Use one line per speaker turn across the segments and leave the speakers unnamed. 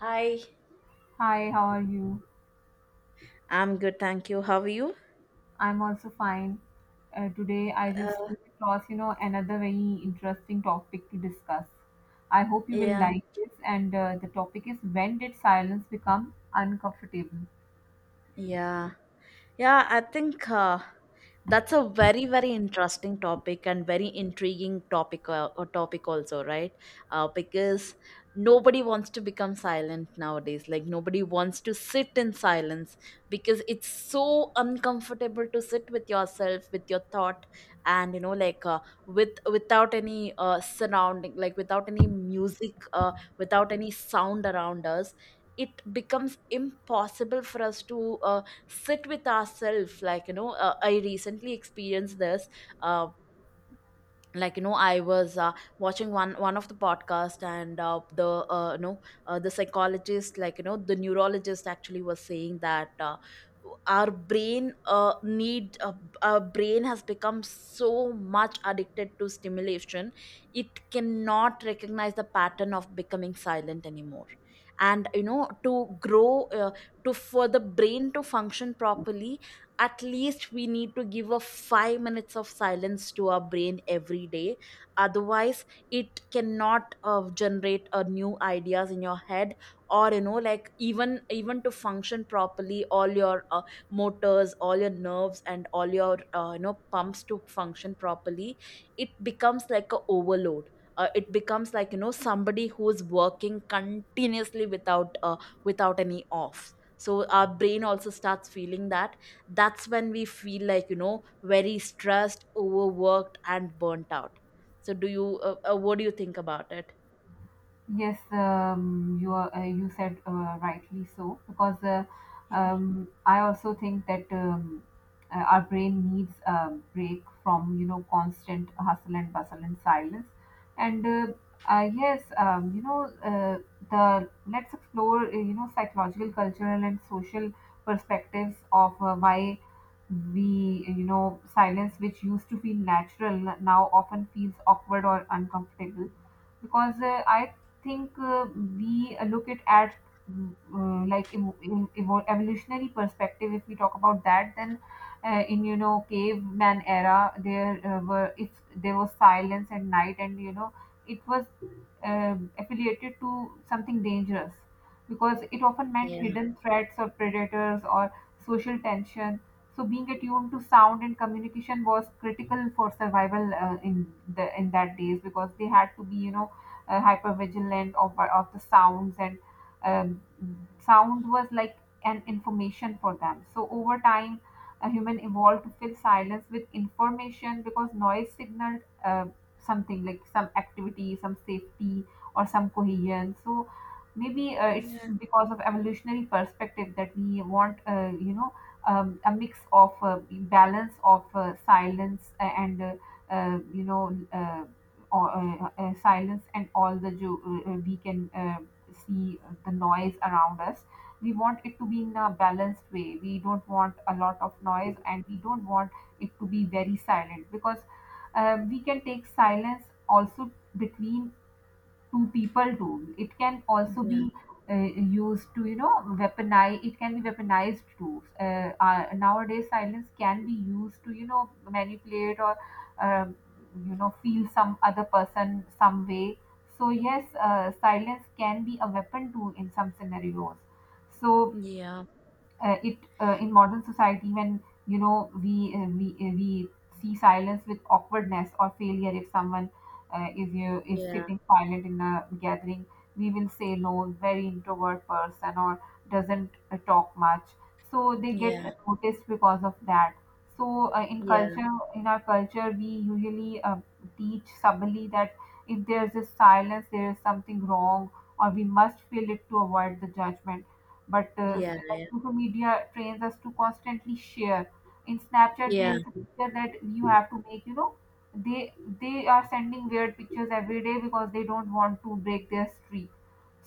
Hi,
Hi, how are you?
I'm good, thank you. How are you?
I'm also fine. Today, I
Uh,
just came across, you know, another very interesting topic to discuss. I hope you will
yeah,
like this. And the topic is when did silence become uncomfortable?
Yeah. Yeah, I think that's a very, very interesting topic and very intriguing topic also, right? Because nobody wants to become silent nowadays. Like nobody wants to sit in silence because it's so uncomfortable to sit with yourself, with your thought, and with without any surrounding, like without any music, without any sound around us, it becomes impossible for us to sit with ourselves. I recently experienced this. Um I was watching one of the podcast, and uh, you know the psychologist, the neurologist actually was saying that our brain need our brain has become so much addicted to stimulation it cannot recognize the pattern of becoming silent anymore. And you know, to for the brain to function properly, at least we need to give a 5 minutes of silence to our brain every day. Otherwise it cannot generate new ideas in your head, or you know, like even to function properly, all your motors, all your nerves, and all your pumps to function properly, it becomes like a overload. It becomes like you know somebody who's working continuously without without any off, so our brain also starts feeling that. That's when we feel like you know very stressed, overworked, and burnt out. So do you, what do you think about it?
You said rightly so because I also think that our brain needs a break from, you know, constant hustle and bustle and silence. And uh, yes, you know, the let's explore you know, psychological, cultural, and social perspectives of why we you know silence, which used to feel natural, now often feels awkward or uncomfortable, because I think, we look it at like evolutionary perspective. If we talk about that, then in, you know, caveman era, there were if there was silence at night, and, you know, it was, um, affiliated to something dangerous, because it often meant
Yeah,
hidden threats or predators or social tension. So being attuned to sound and communication was critical for survival, in the in that days, because they had to be, you know, hyper vigilant over of the sounds. And um, sound was like an information for them. So over time a human evolved to fill silence with information, because noise signaled something, like some activity, some safety, or some cohesion. So maybe it's because of evolutionary perspective that we want, you know, a mix of, balance of silence and you know, silence and all the we can see the noise around us. We want it to be in a balanced way. We don't want a lot of noise, and we don't want it to be very silent, because we can take silence also between two people tool. It can also
yeah,
be uh, used to, you know, weaponize. It can be weaponized too. Nowadays, silence can be used to, you know, manipulate or, um, you know, feel some other person some way. So yes, silence can be a weapon too in some scenarios. So
yeah,
it in modern society, when, you know, we see silence with awkwardness or failure. If someone is
yeah,
sitting silent in a gathering, we will say, no, very introvert person, or doesn't talk much, so they
yeah,
get noticed because of that. So uh, in
yeah,
culture in our culture, we usually teach subtly that if there's this silence, there is something wrong, or we must fill it to avoid the judgment. But uh,
yeah,
s- like
yeah,
social media trains us to constantly share. In Snapchat,
yeah,
there is a picture that you have to make. You know, they they are sending weird pictures every day because they don't want to break their streak.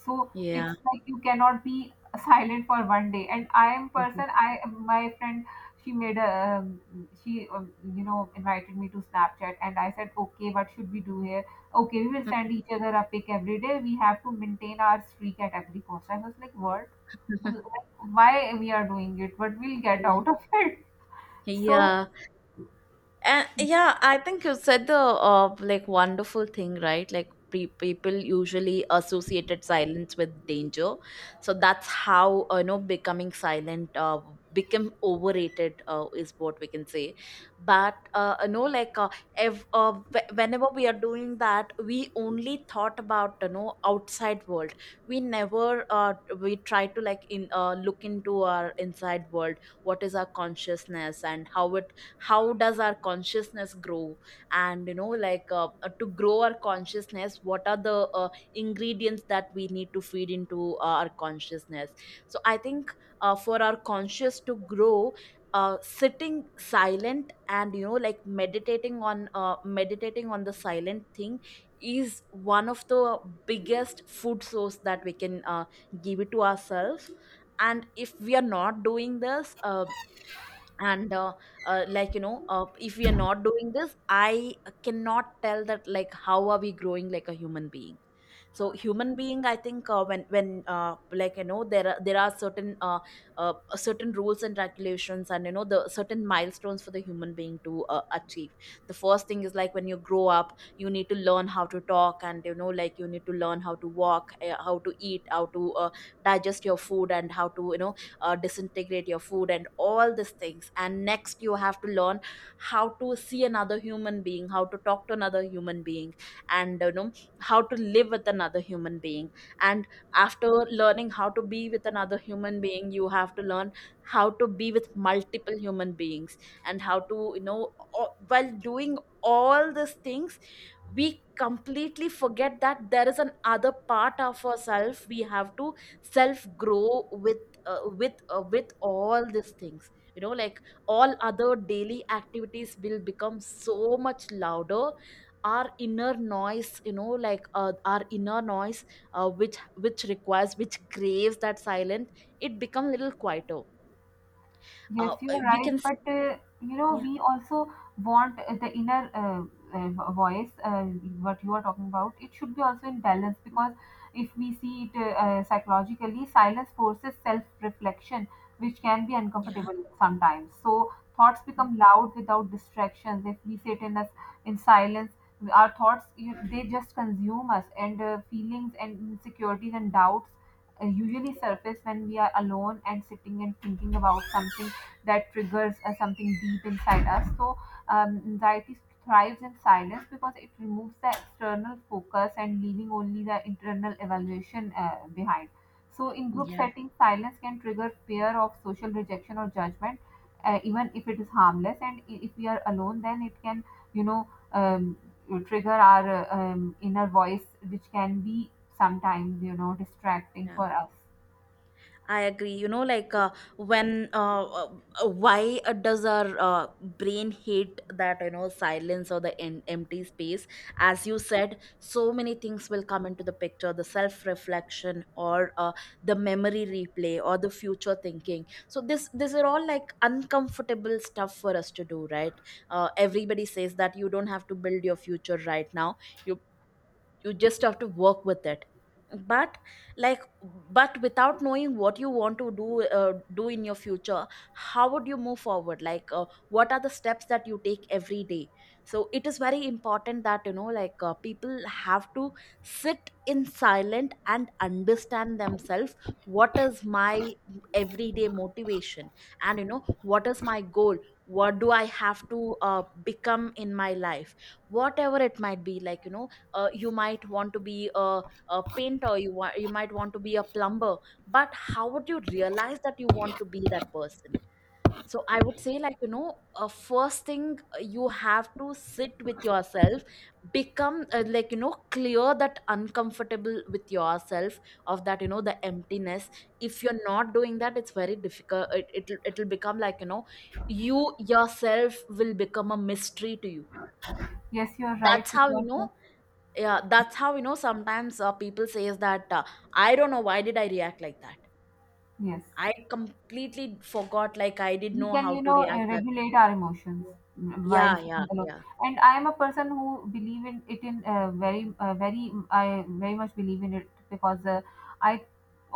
So
yeah.
it's like you cannot be silent for 1 day. And I am
Mhm.
person. I, my friend, she made a, she, you know, invited me to Snapchat, and I said, okay, what should we do here? Okay, we will send each other a pic every day, we have to maintain our streak at every cost. I was like, what, why we are doing it, but we'll get out of it. So
Yeah. And yeah, I think you said the like wonderful thing, right? Like people usually associated silence with danger, so that's how you know becoming silent become overrated, is what we can say. But you know, if whenever we are doing that, we only thought about you know outside world. We never we try to like in look into our inside world. What is our consciousness, and how does our consciousness grow, and you know, to grow our consciousness what are the ingredients that we need to feed into our consciousness. So I think, for our conscious to grow, sitting silent and you know like meditating on the silent thing is one of the biggest food source that we can give it to ourselves. And if we are not doing this and like you know if we are not doing this, I cannot tell that like how are we growing like a human being. So human being, I think, when like you know there are certain rules and regulations, and you know the certain milestones for the human being to achieve. The first thing is like when you grow up you need to learn how to talk, and you know like you need to learn how to walk, how to eat, how to digest your food, and how to you know disintegrate your food and all these things. And next you have to learn how to see another human being, how to talk to another human being, and you know how to live with another human being. And after learning how to be with another human being you have to learn how to be with multiple human beings. And how to you know, while doing all these things, we completely forget that there is an other part of ourself we have to self grow with. With all these things you know like all other daily activities will become so much louder, our inner noise, you know, our inner noise, which requires, which craves that silence, it become little quieter.
yes,
uh,
you're
we
right.
can see.
But, you know,
Yeah,
we also want the inner, voice. What you are talking about, it should be also in balance, because if we see it, psychologically, silence forces self-reflection, which can be
yeah,
uncomfortable sometimes. So thoughts become loud without distractions. If we sit in us in silence, our thoughts, you, they just consume us, and feelings and insecurities and doubts usually surface when we are alone and sitting and thinking about something that triggers something deep inside us. So, anxiety thrives in silence because it removes the external focus and leaving only the internal evaluation behind. So, in group
yeah,
settings, silence can trigger fear of social rejection or judgment, even if it is harmless. And if we are alone, then it can, you know, trigger our inner voice, which can be sometimes, you know, distracting
yeah.
for us.
I agree. You know, when, why does our brain hate that, you know, silence or the empty space? As you said, so many things will come into the picture, the self reflection, or the memory replay, or the future thinking. So, these are all like uncomfortable stuff for us to do, right? Everybody says that you don't have to build your future right now. You you just have to work with it. But, like, but without knowing what you want to do in your future, how would you move forward, like what are the steps that you take every day? So it is very important that you know like people have to sit in silent and understand themselves. What is my everyday motivation, and you know what is my goal, what do I have to become in my life. Whatever it might be, like you know, you might want to be a painter, you might want to be a plumber. But how would you realize that you want to be that person? So I would say, like you know, first thing, you have to sit with yourself, become like you know clear, that uncomfortable with yourself, of that you know the emptiness. If you're not doing that, it's very difficult. It'll become like you know you yourself will become a mystery to you.
Yes, you're right,
That's how you
because.
know. Yeah, that's how you know. Sometimes people says that I don't know why did I react like that.
Yes,
I completely forgot, like I didn't
we
know
can,
how
you
to
know,
react that.
regulate our emotions while
Yeah, yeah,
sitting alone.
yeah,
And I am a person who believe in it, in, very I very much believe in it, because I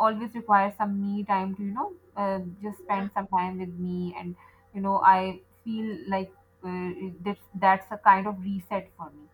always require some me time to, you know, just spend some time with me. And you know, I feel like, uh, that that's a kind of reset for me.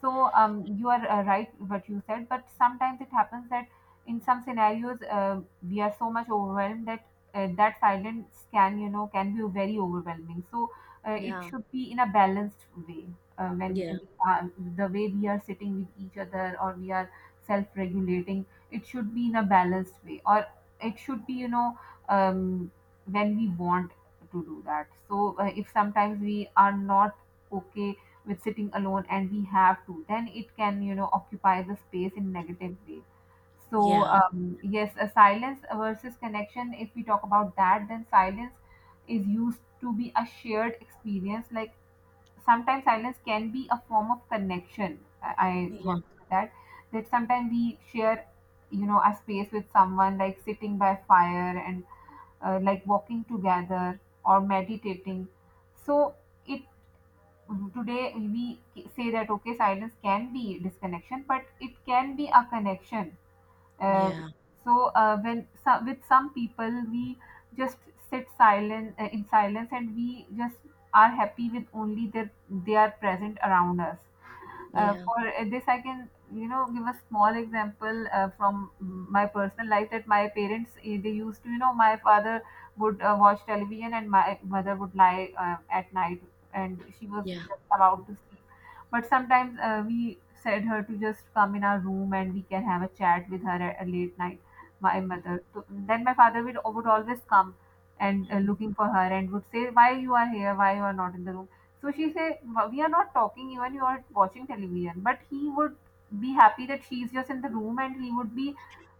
So, you are right, what you said, but sometimes it happens that in some scenarios, we are so much overwhelmed that that silent scan, you know, can be very overwhelming. So it
yeah,
should be in a balanced way. When
yeah,
The way we are sitting with each other, or we are self-regulating, it should be in a balanced way, or it should be, you know, um, when we want to do that. So if sometimes we are not okay with sitting alone and we have to, then it can, you know, occupy the space in negative way. So,
yeah,
yes, a silence versus connection. If we talk about that, then silence is used to be a shared experience. Like sometimes silence can be a form of connection. I
yeah,
want to say that, that sometimes we share, you know, a space with someone, like sitting by fire, and like walking together, or meditating. So it today we say that, okay, silence can be disconnection, but it can be a connection. um,
yeah,
so uh, when so, with some people, we just sit silent in silence, and we just are happy with only that they are present around us. Uh,
yeah,
for uh, this, I can, you know, give a small example from my personal life, that my parents, they used to, you know, my father would watch television, and my mother would lie at night, and she was
yeah,
just about to sleep. But sometimes we said her to just come in our room and we can have a chat with her at a late night. My mother. So then my father would always come and looking for her and would say, why you are here, why you are not in the room? So she said, "Well, we are not talking even you are watching television," but he would be happy that she's just in the room, and he would be,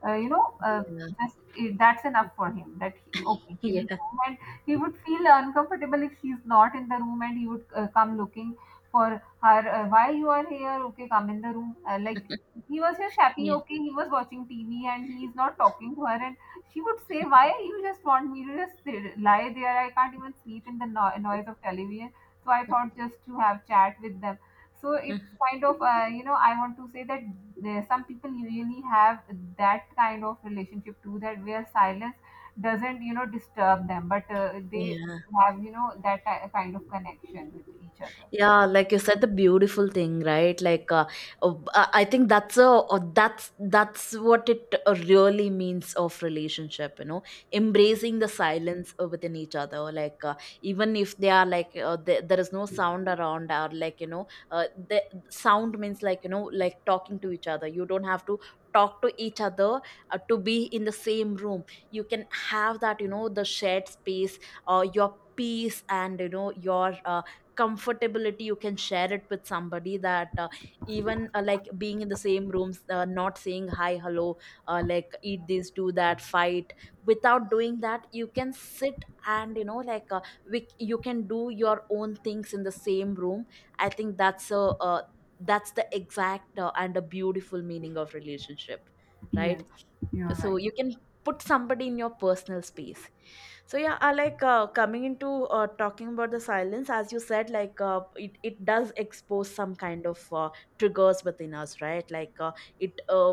you know, just that's enough for him. That he, okay, she's
yeah,
in the
yeah.
room. And he would feel uncomfortable if she's not in the room, and he would come looking for her. Why you are here? Okay, come in the room. Like he was just happy.
Yeah,
Okay, he was watching TV, and he is not talking to her, and she would say, "Why you just want me to just lie there? I can't even sleep in the noise of television." So I thought just to have chat with them. So it's kind of, you know, I want to say that there, some people usually have that kind of relationship too, that where silence doesn't, you know, disturb them, but they
yeah.
have, you know, that kind of connection with each other.
Yeah, like you said, the beautiful thing, right? Like, I think that's a that's that's what it really means of relationship, you know, embracing the silence within each other. Like, even if they are there is no sound around, or like you know, the sound means like you know, like talking to each other. You don't have to talk to each other to be in the same room. You can have that, you know, the shared space, or your peace, and you know, your comfortability, you can share it with somebody, that even like being in the same rooms, not saying hi hello, like eat this, do that, fight, without doing that. You can sit, and you know like, you can do your own things in the same room. I think that's a uh, that's the exact and a beautiful meaning of relationship, right?
Yes, you're
So
right.
you can put somebody in your personal space. So yeah, I like coming into talking about the silence. As you said, like it does expose some kind of triggers within us, right? Like it uh,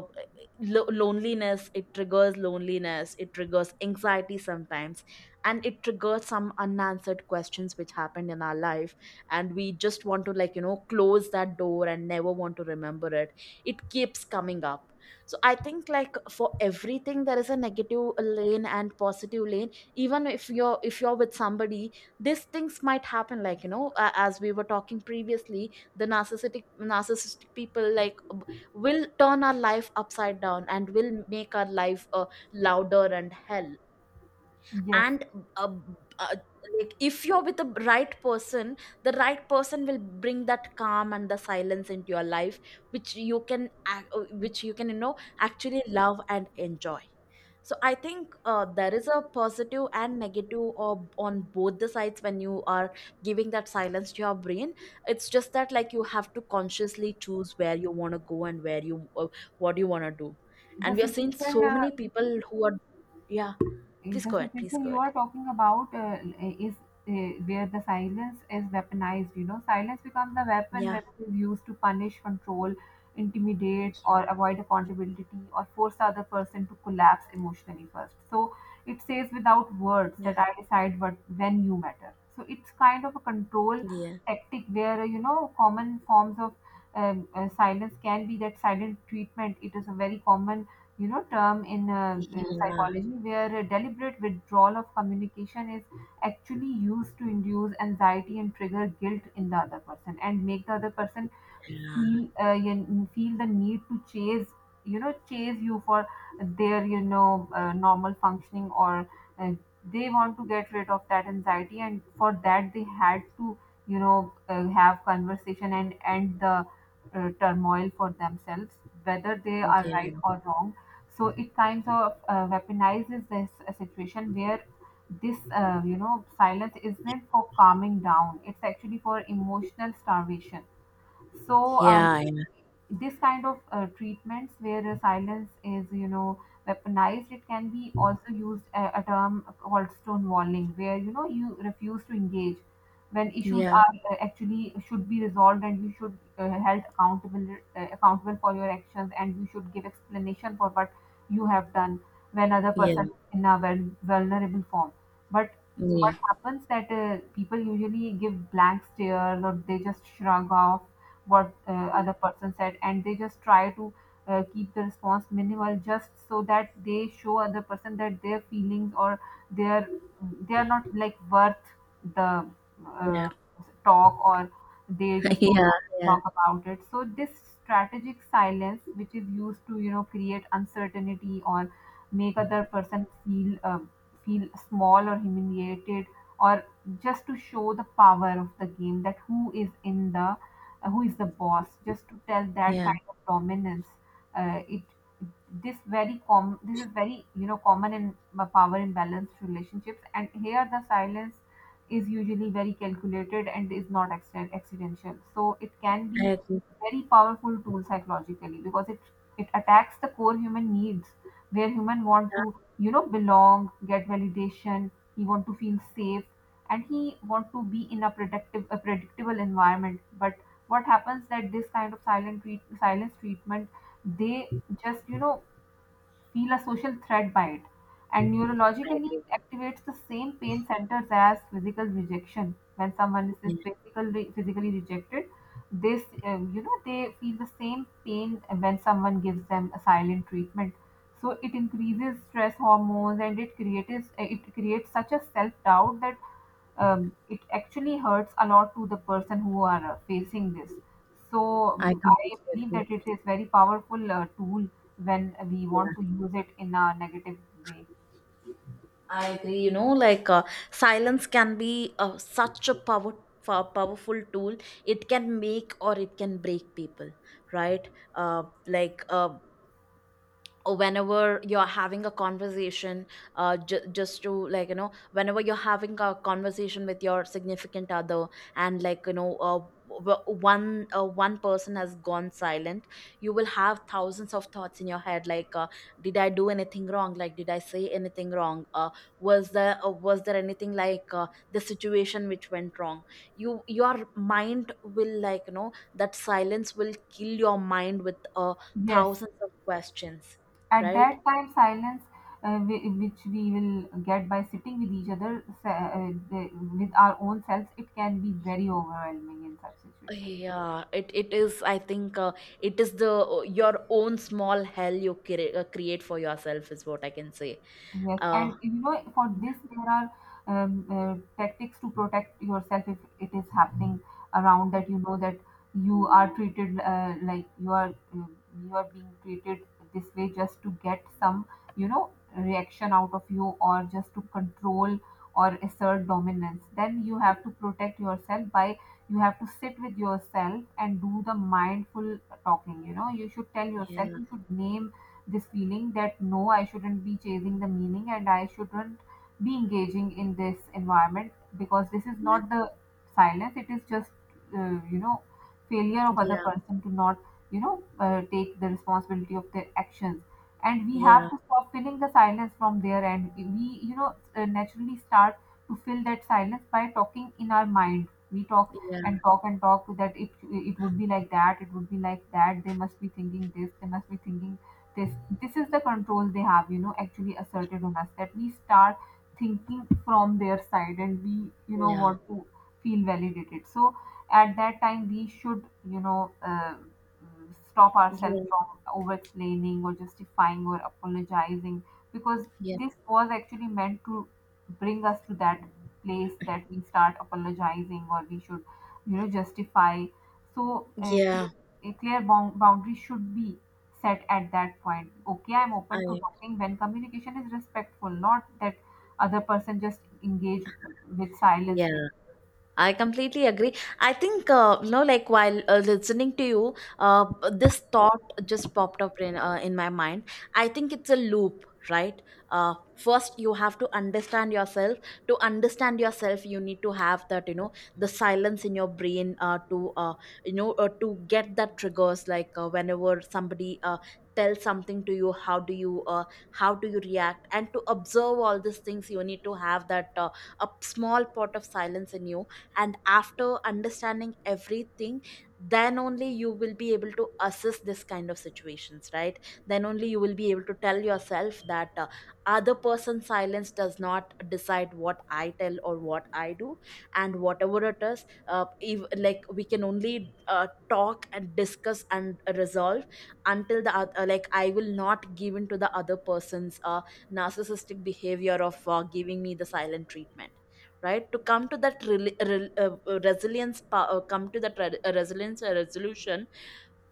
loneliness, it triggers loneliness, it triggers anxiety sometimes, and it triggers some unanswered questions which happened in our life, and we just want to like you know close that door and never want to remember it. It keeps coming up. So I think like for everything there is a negative lane and positive lane. Even if you're, if you're with somebody, these things might happen, like you know, as we were talking previously, the narcissistic people like will turn our life upside down, and will make our life louder and hell.
Yes,
And uh, uh, like if you're with the right person, the right person will bring that calm and the silence into your life, which you which you can you know actually love and enjoy. So I think there is a positive and negative or on both the sides. When you are giving that silence to your brain, it's just that like you have to consciously choose where you want to go and where you what you want to do. And
the
we are seeing
situation
so
uh,
many people who are, yeah,
Eh,
please
The
go ahead, please
situation
go
you
ahead.
are talking about is where the silence is weaponized. You know, silence becomes a weapon
Yeah,
when it is used to punish, control, intimidate, or avoid accountability, or force the other person to collapse emotionally first. So it says without words
yeah, yeah,
that I decide what when you matter. So it's kind of a control
yeah,
tactic where, you know, common forms of, silence can be that silent treatment. It is a very common term in
yeah,
psychology where a deliberate withdrawal of communication is actually used to induce anxiety and trigger guilt in the other person and make the other person
yeah.
feel you feel the need to chase chase you for their normal functioning, or uh, they want to get rid of that anxiety, and for that they had to have conversation and end the turmoil for themselves, whether they are
Okay.
right or wrong. So it kind of weaponizes this situation where this silence isn't for calming down, it's actually for emotional starvation. So
Yeah,
this kind of treatments where silence is weaponized, it can be also used, a term called stonewalling, where you refuse to engage when
yeah,
issues
yeah,
are actually should be resolved and you should held accountable, accountable for your actions, and you should give explanation for what you have done when other
yeah,
person is in a vulnerable form. But what
yeah.
happens that people usually give blank stares, or they just shrug off what the other person said, and they just try to keep the response minimal, just so that they show other person that their feelings or their, they are not like worth the uh, talk, or they just don't
Yeah,
want to
yeah,
talk about it. So this strategic silence, which is used to create uncertainty or make other person feel feel small or humiliated, or just to show the power of the game, that who is in the who is the boss, just to tell that
yeah.
kind of dominance. It, this is very common in power imbalance relationships, and here the silence is usually very calculated and is not accidental. So it can
I
be
agree.
very powerful tool psychologically, because it attacks the core human needs, where human want to belong, get validation, he want to feel safe, and he want to be in a productive, a predictable environment. But what happens that this kind of silence treatment, they just feel a social threat by it, and
I
neurologically
agree.
it activates the same pain centers as physical rejection. When someone is
Yeah,
physically rejected, this they feel the same pain when someone gives them a silent treatment. So it increases stress hormones and it creates such a self doubt that, it actually hurts a lot to the person who are facing this. So
I
I
completely
believe
agree.
that it is very powerful tool when we
Yeah,
want to use it in a negative way.
I agree. You know, like silence can be such a powerful tool. It can make or it can break people, right? Uh, like uh, whenever you're having a conversation ju- just to like you know whenever you're having a conversation with your significant other, and one person has gone silent, you will have thousands of thoughts in your head like did I do anything wrong, like did I say anything wrong? Was there anything like the situation which went wrong? You, your mind will, that silence will kill your mind with
Yes,
thousands of questions,
at
right?
that time, silence, which we will get by sitting with each other, with our own selves, it can be very overwhelming in such situations.
Yeah, it is. I think it is the your own small hell you create for yourself is what I can say.
Yes,
Uh,
and you know, for this, there are tactics to protect yourself, if it is happening around, that you know that you are treated like you are being treated this way just to get some, you know, reaction out of you, or just to control or assert dominance. Then you have to protect yourself by, you have to sit with yourself and do the mindful talking. You know, you should tell yourself,
yeah,
you should name this feeling that no, I shouldn't be chasing the meaning, and I shouldn't be engaging in this environment, because this is
yeah,
not the silence, it is just, you know, failure of other
yeah,
person to not, you know, take the responsibility of their actions. And we
yeah,
have to stop filling the silence from there, and we, you know, naturally start to fill that silence by talking in our mind. We talk and
yeah,
talk and talk, that it would be like that, it would be like that. They must be thinking this, they must be thinking this. This is the control they have, you know, actually asserted on us, that we start thinking from their side, and we, you know,
yeah,
want to feel validated. So at that time we should, you know, stop ourselves
yeah,
from over explaining or justifying or apologizing, because
yeah.
this was actually meant to bring us to that place, that we start apologizing or we should, you know, justify. So
Yeah.
a clear boundary should be set at that point. Okay, I'm open to
I.
talking when communication is respectful, not that other person just engage with silence with.
Yeah. I completely agree. I think, you know, like while listening to you, this thought just popped up in my mind. I think it's a loop, right? First, you have to understand yourself. To understand yourself, you need to have that, you know, the silence in your brain you know, to get that triggers. Like whenever somebody tells something to you, how do you, how do you react? And to observe all these things, you need to have that. A small pot of silence in you, and after understanding everything, then only you will be able to assess this kind of situations, right? Then only you will be able to tell yourself that other person's silence does not decide what I tell or what I do. And whatever it is, if, like, we can only talk and discuss and resolve until the like I will not give in to the other person's narcissistic behavior of giving me the silent treatment, right? To come to that come to that re- resilience resolution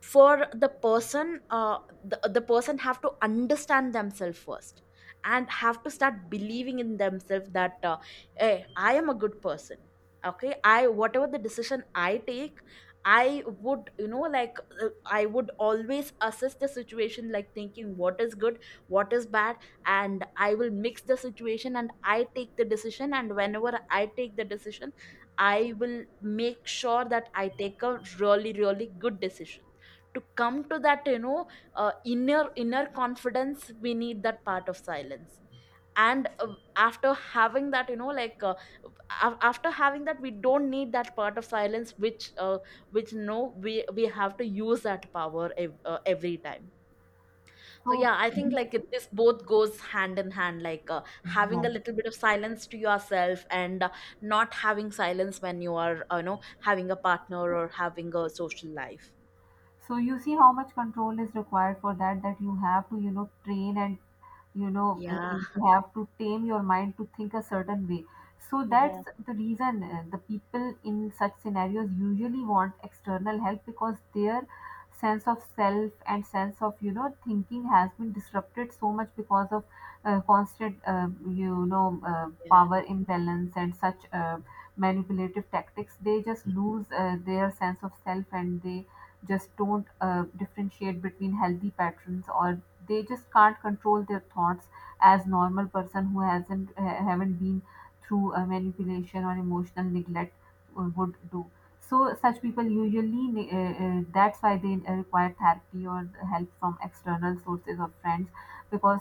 for the person, the person have to understand themselves first, and have to start believing in themselves that hey, I am a good person. Okay, I, whatever the decision I take, I would, I would always assess the situation, like thinking what is good, what is bad, and I will mix the situation and I take the decision, and whenever I take the decision, I will make sure that I take a really, really good decision. To come to that, you know, inner confidence, we need that part of silence. And after having that, after having that, we don't need that part of silence which no, we have to use that power every time. So
So
yeah, I think
you
like
see,
this both goes hand in hand, like having a
yes.
little bit of silence to yourself, and not having silence when you are you know, having a partner or having a social life.
So you see how much control is required for that, that you have to, you know, train and you know
Yeah,
if you have to tame your mind to think a certain way. So that's
yeah.
the reason the people in such scenarios usually want external help, because their sense of self and sense of, you know, thinking has been disrupted so much because of constant power imbalance and such manipulative tactics, they just lose their sense of self, and they just don't differentiate between healthy patterns, or they just can't control their thoughts as normal person who hasn't ha- haven't been through a manipulation or emotional neglect would do. So such people usually that's why they require therapy or help from external sources or friends, because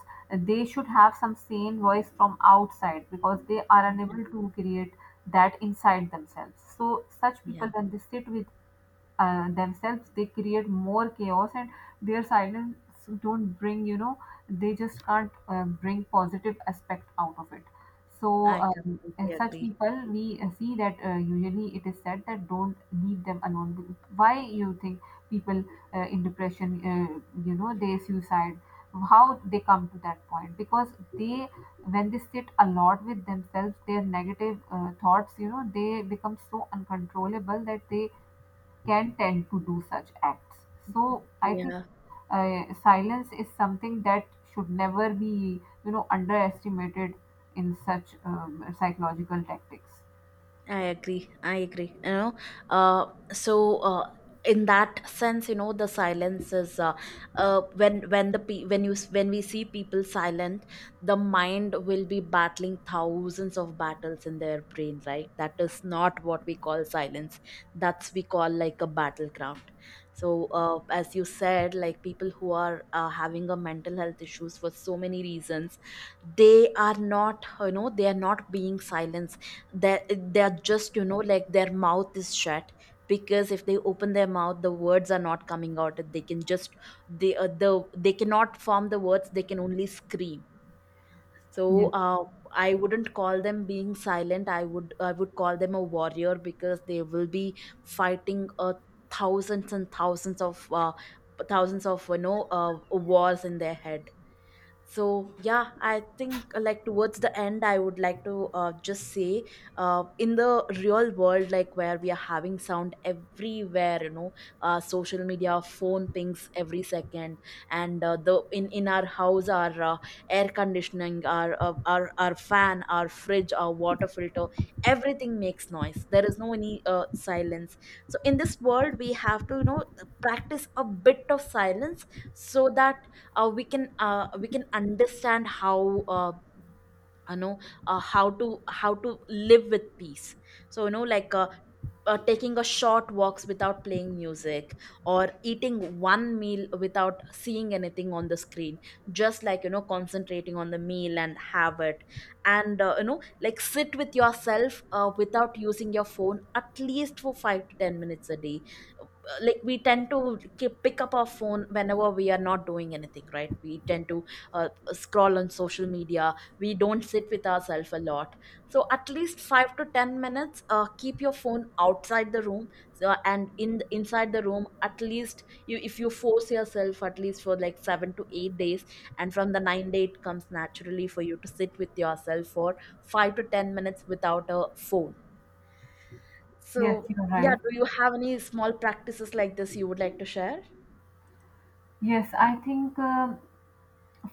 they should have some sane voice from outside, because they are unable to create that inside themselves. So such
Yeah,
people, when they sit with themselves, they create more chaos, and their silence don't bring, you know, they just can't bring positive aspect out of it. So
I completely
as such
agree.
people, we see that usually it is said that don't leave them alone. Why you think people in depression you know they suicide, how they come to that point? Because they, when they sit a lot with themselves, their negative thoughts, you know, they become so uncontrollable that they can tend to do such acts. So I think
Yeah,
silence is something that should never be, you know, underestimated in such psychological tactics.
I agree. I agree. You know, uh, so uh, in that sense, you know, the silence is when the pe- when you s- when we see people silent, the mind will be battling thousands of battles in their brain. Right? That is not what we call silence. That's we call like a battleground. So, as you said, like people who are having a mental health issues for so many reasons, they are not, you know, they are not being silenced, that they're just, you know, like their mouth is shut. Because if they open their mouth, the words are not coming out, they can just, they cannot form the words, they can only scream. So
Yes,
I wouldn't call them being silent, I would, I would call them a warrior, because they will be fighting thousands and thousands of uh, thousands of, wars in their head. So yeah, I think like towards the end, I would like to just say, in the real world, like where we are having sound everywhere, you know, social media, phone pings every second, and the in our house, our air conditioning, our fan, our fridge, our water filter, everything makes noise. There is no any silence. So in this world, we have to, you know, practice a bit of silence, so that we can understand how, you know how to live with peace. So you know, taking a short walks without playing music, or eating one meal without seeing anything on the screen, just like, you know, concentrating on the meal and have it. And you know, like, sit with yourself without using your phone at least for 5 to 10 minutes a day. Like we tend to keep, pick up our phone whenever we are not doing anything, right? We tend to uh, scroll on social media, we don't sit with ourselves a lot. So at least 5 to 10 minutes, keep your phone outside the room. So, and in inside the room, at least, you, if you force yourself at least for like 7 to 8 days, and from the 9th day it comes naturally for you to sit with yourself for 5 to 10 minutes without a phone.
yes,
So
you're
yeah,
right.
do you have any small practices like this you would like to share?
Yes, I think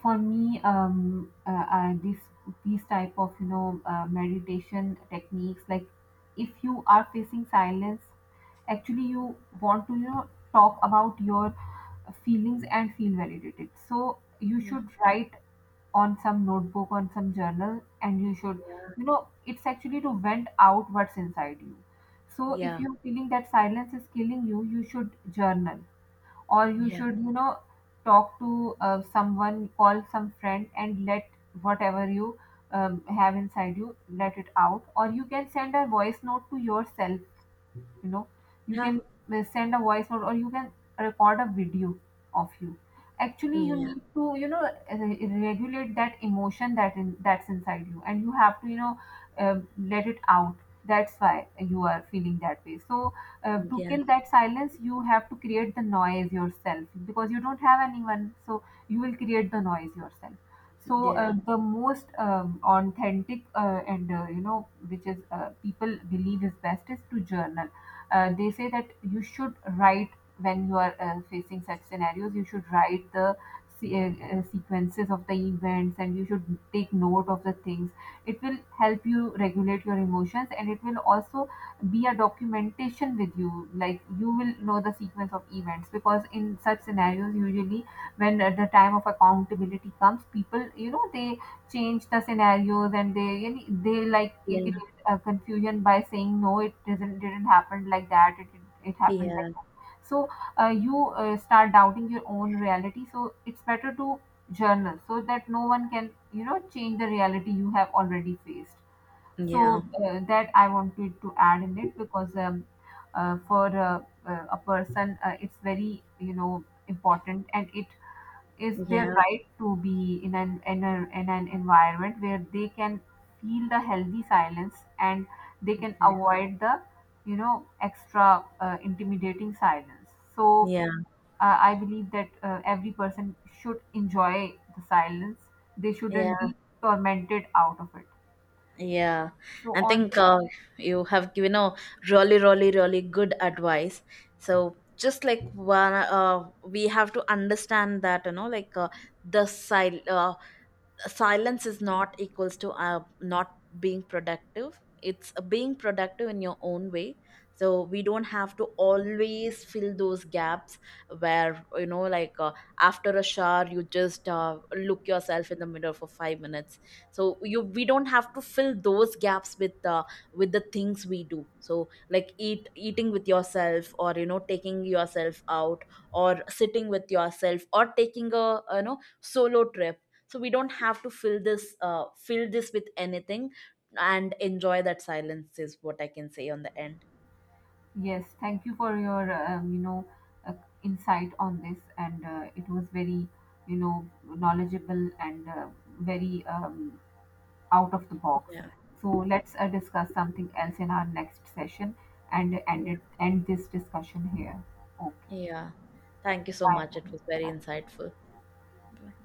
for me this, these type of, you know, meditation techniques, like if you are facing silence, actually you want to, you know, talk about your feelings and feel validated, so you
Yeah,
should write on some notebook, on some journal, and you should, you know, it's actually to vent out what's inside you. So if
yeah,
you're feeling that silence is killing you, you should journal, or you
yeah,
should, you know, talk to someone, call some friend, and let whatever you have inside you, let it out. Or you can send a voice note to yourself, you know, you
yeah,
can send a voice note, or you can record a video of you. Actually you
yeah,
need to, you know, regulate that emotion, that in, that's inside you, and you have to, you know, let it out, that's why you are feeling that way. So to
yeah,
kill that silence, you have to create the noise yourself, because you don't have anyone, so you will create the noise yourself. So
yeah,
the most authentic and you know, which is people believe is best, is to journal. They say that you should write, when you are facing such scenarios, you should write the sequences of the events, and you should take note of the things. It will help you regulate your emotions, and it will also be a documentation with you, like you will know the sequence of events, because in such scenarios, usually, when the time of accountability comes, people, you know, they change the scenarios, and they, you know, they like, it create a confusion by saying no, it doesn't didn't happen like that, it it happened
yeah,
like that. So you start doubting your own reality, so it's better to journal, so that no one can, you know, change the reality you have already faced.
yeah,
So that I wanted to add in it, because for a person, it's very, you know, important, and it is their
yeah.
right to be in in an environment where they can feel the healthy silence, and they can avoid the, you know, extra intimidating silence. So
Yeah,
I believe that every person should enjoy the silence, they shouldn't
yeah,
be tormented out of it.
yeah.
So
I
on.
think you have given a really, really, really good advice. So just like one, we have to understand that, you know, the sil- uh, silence is not equals to not being productive. It's being productive in your own way. So we don't have to always fill those gaps, where, after a shower, you just look yourself in the mirror for 5 minutes. So you, we don't have to fill those gaps with the things we do. So like eating with yourself, or you know, taking yourself out, or sitting with yourself, or taking a, you know, solo trip. So we don't have to fill this with anything, and enjoy that silence is what I can say on the end.
Yes, thank you for your you know uh, insight on this, and it was very, you know, knowledgeable, and very out of the box.
Yeah.
So let's discuss something else in our next session, and
Yeah,
end it, end this discussion here. Okay.
yeah. Thank you so
Bye.
much, it was very
Bye.
insightful. Bye.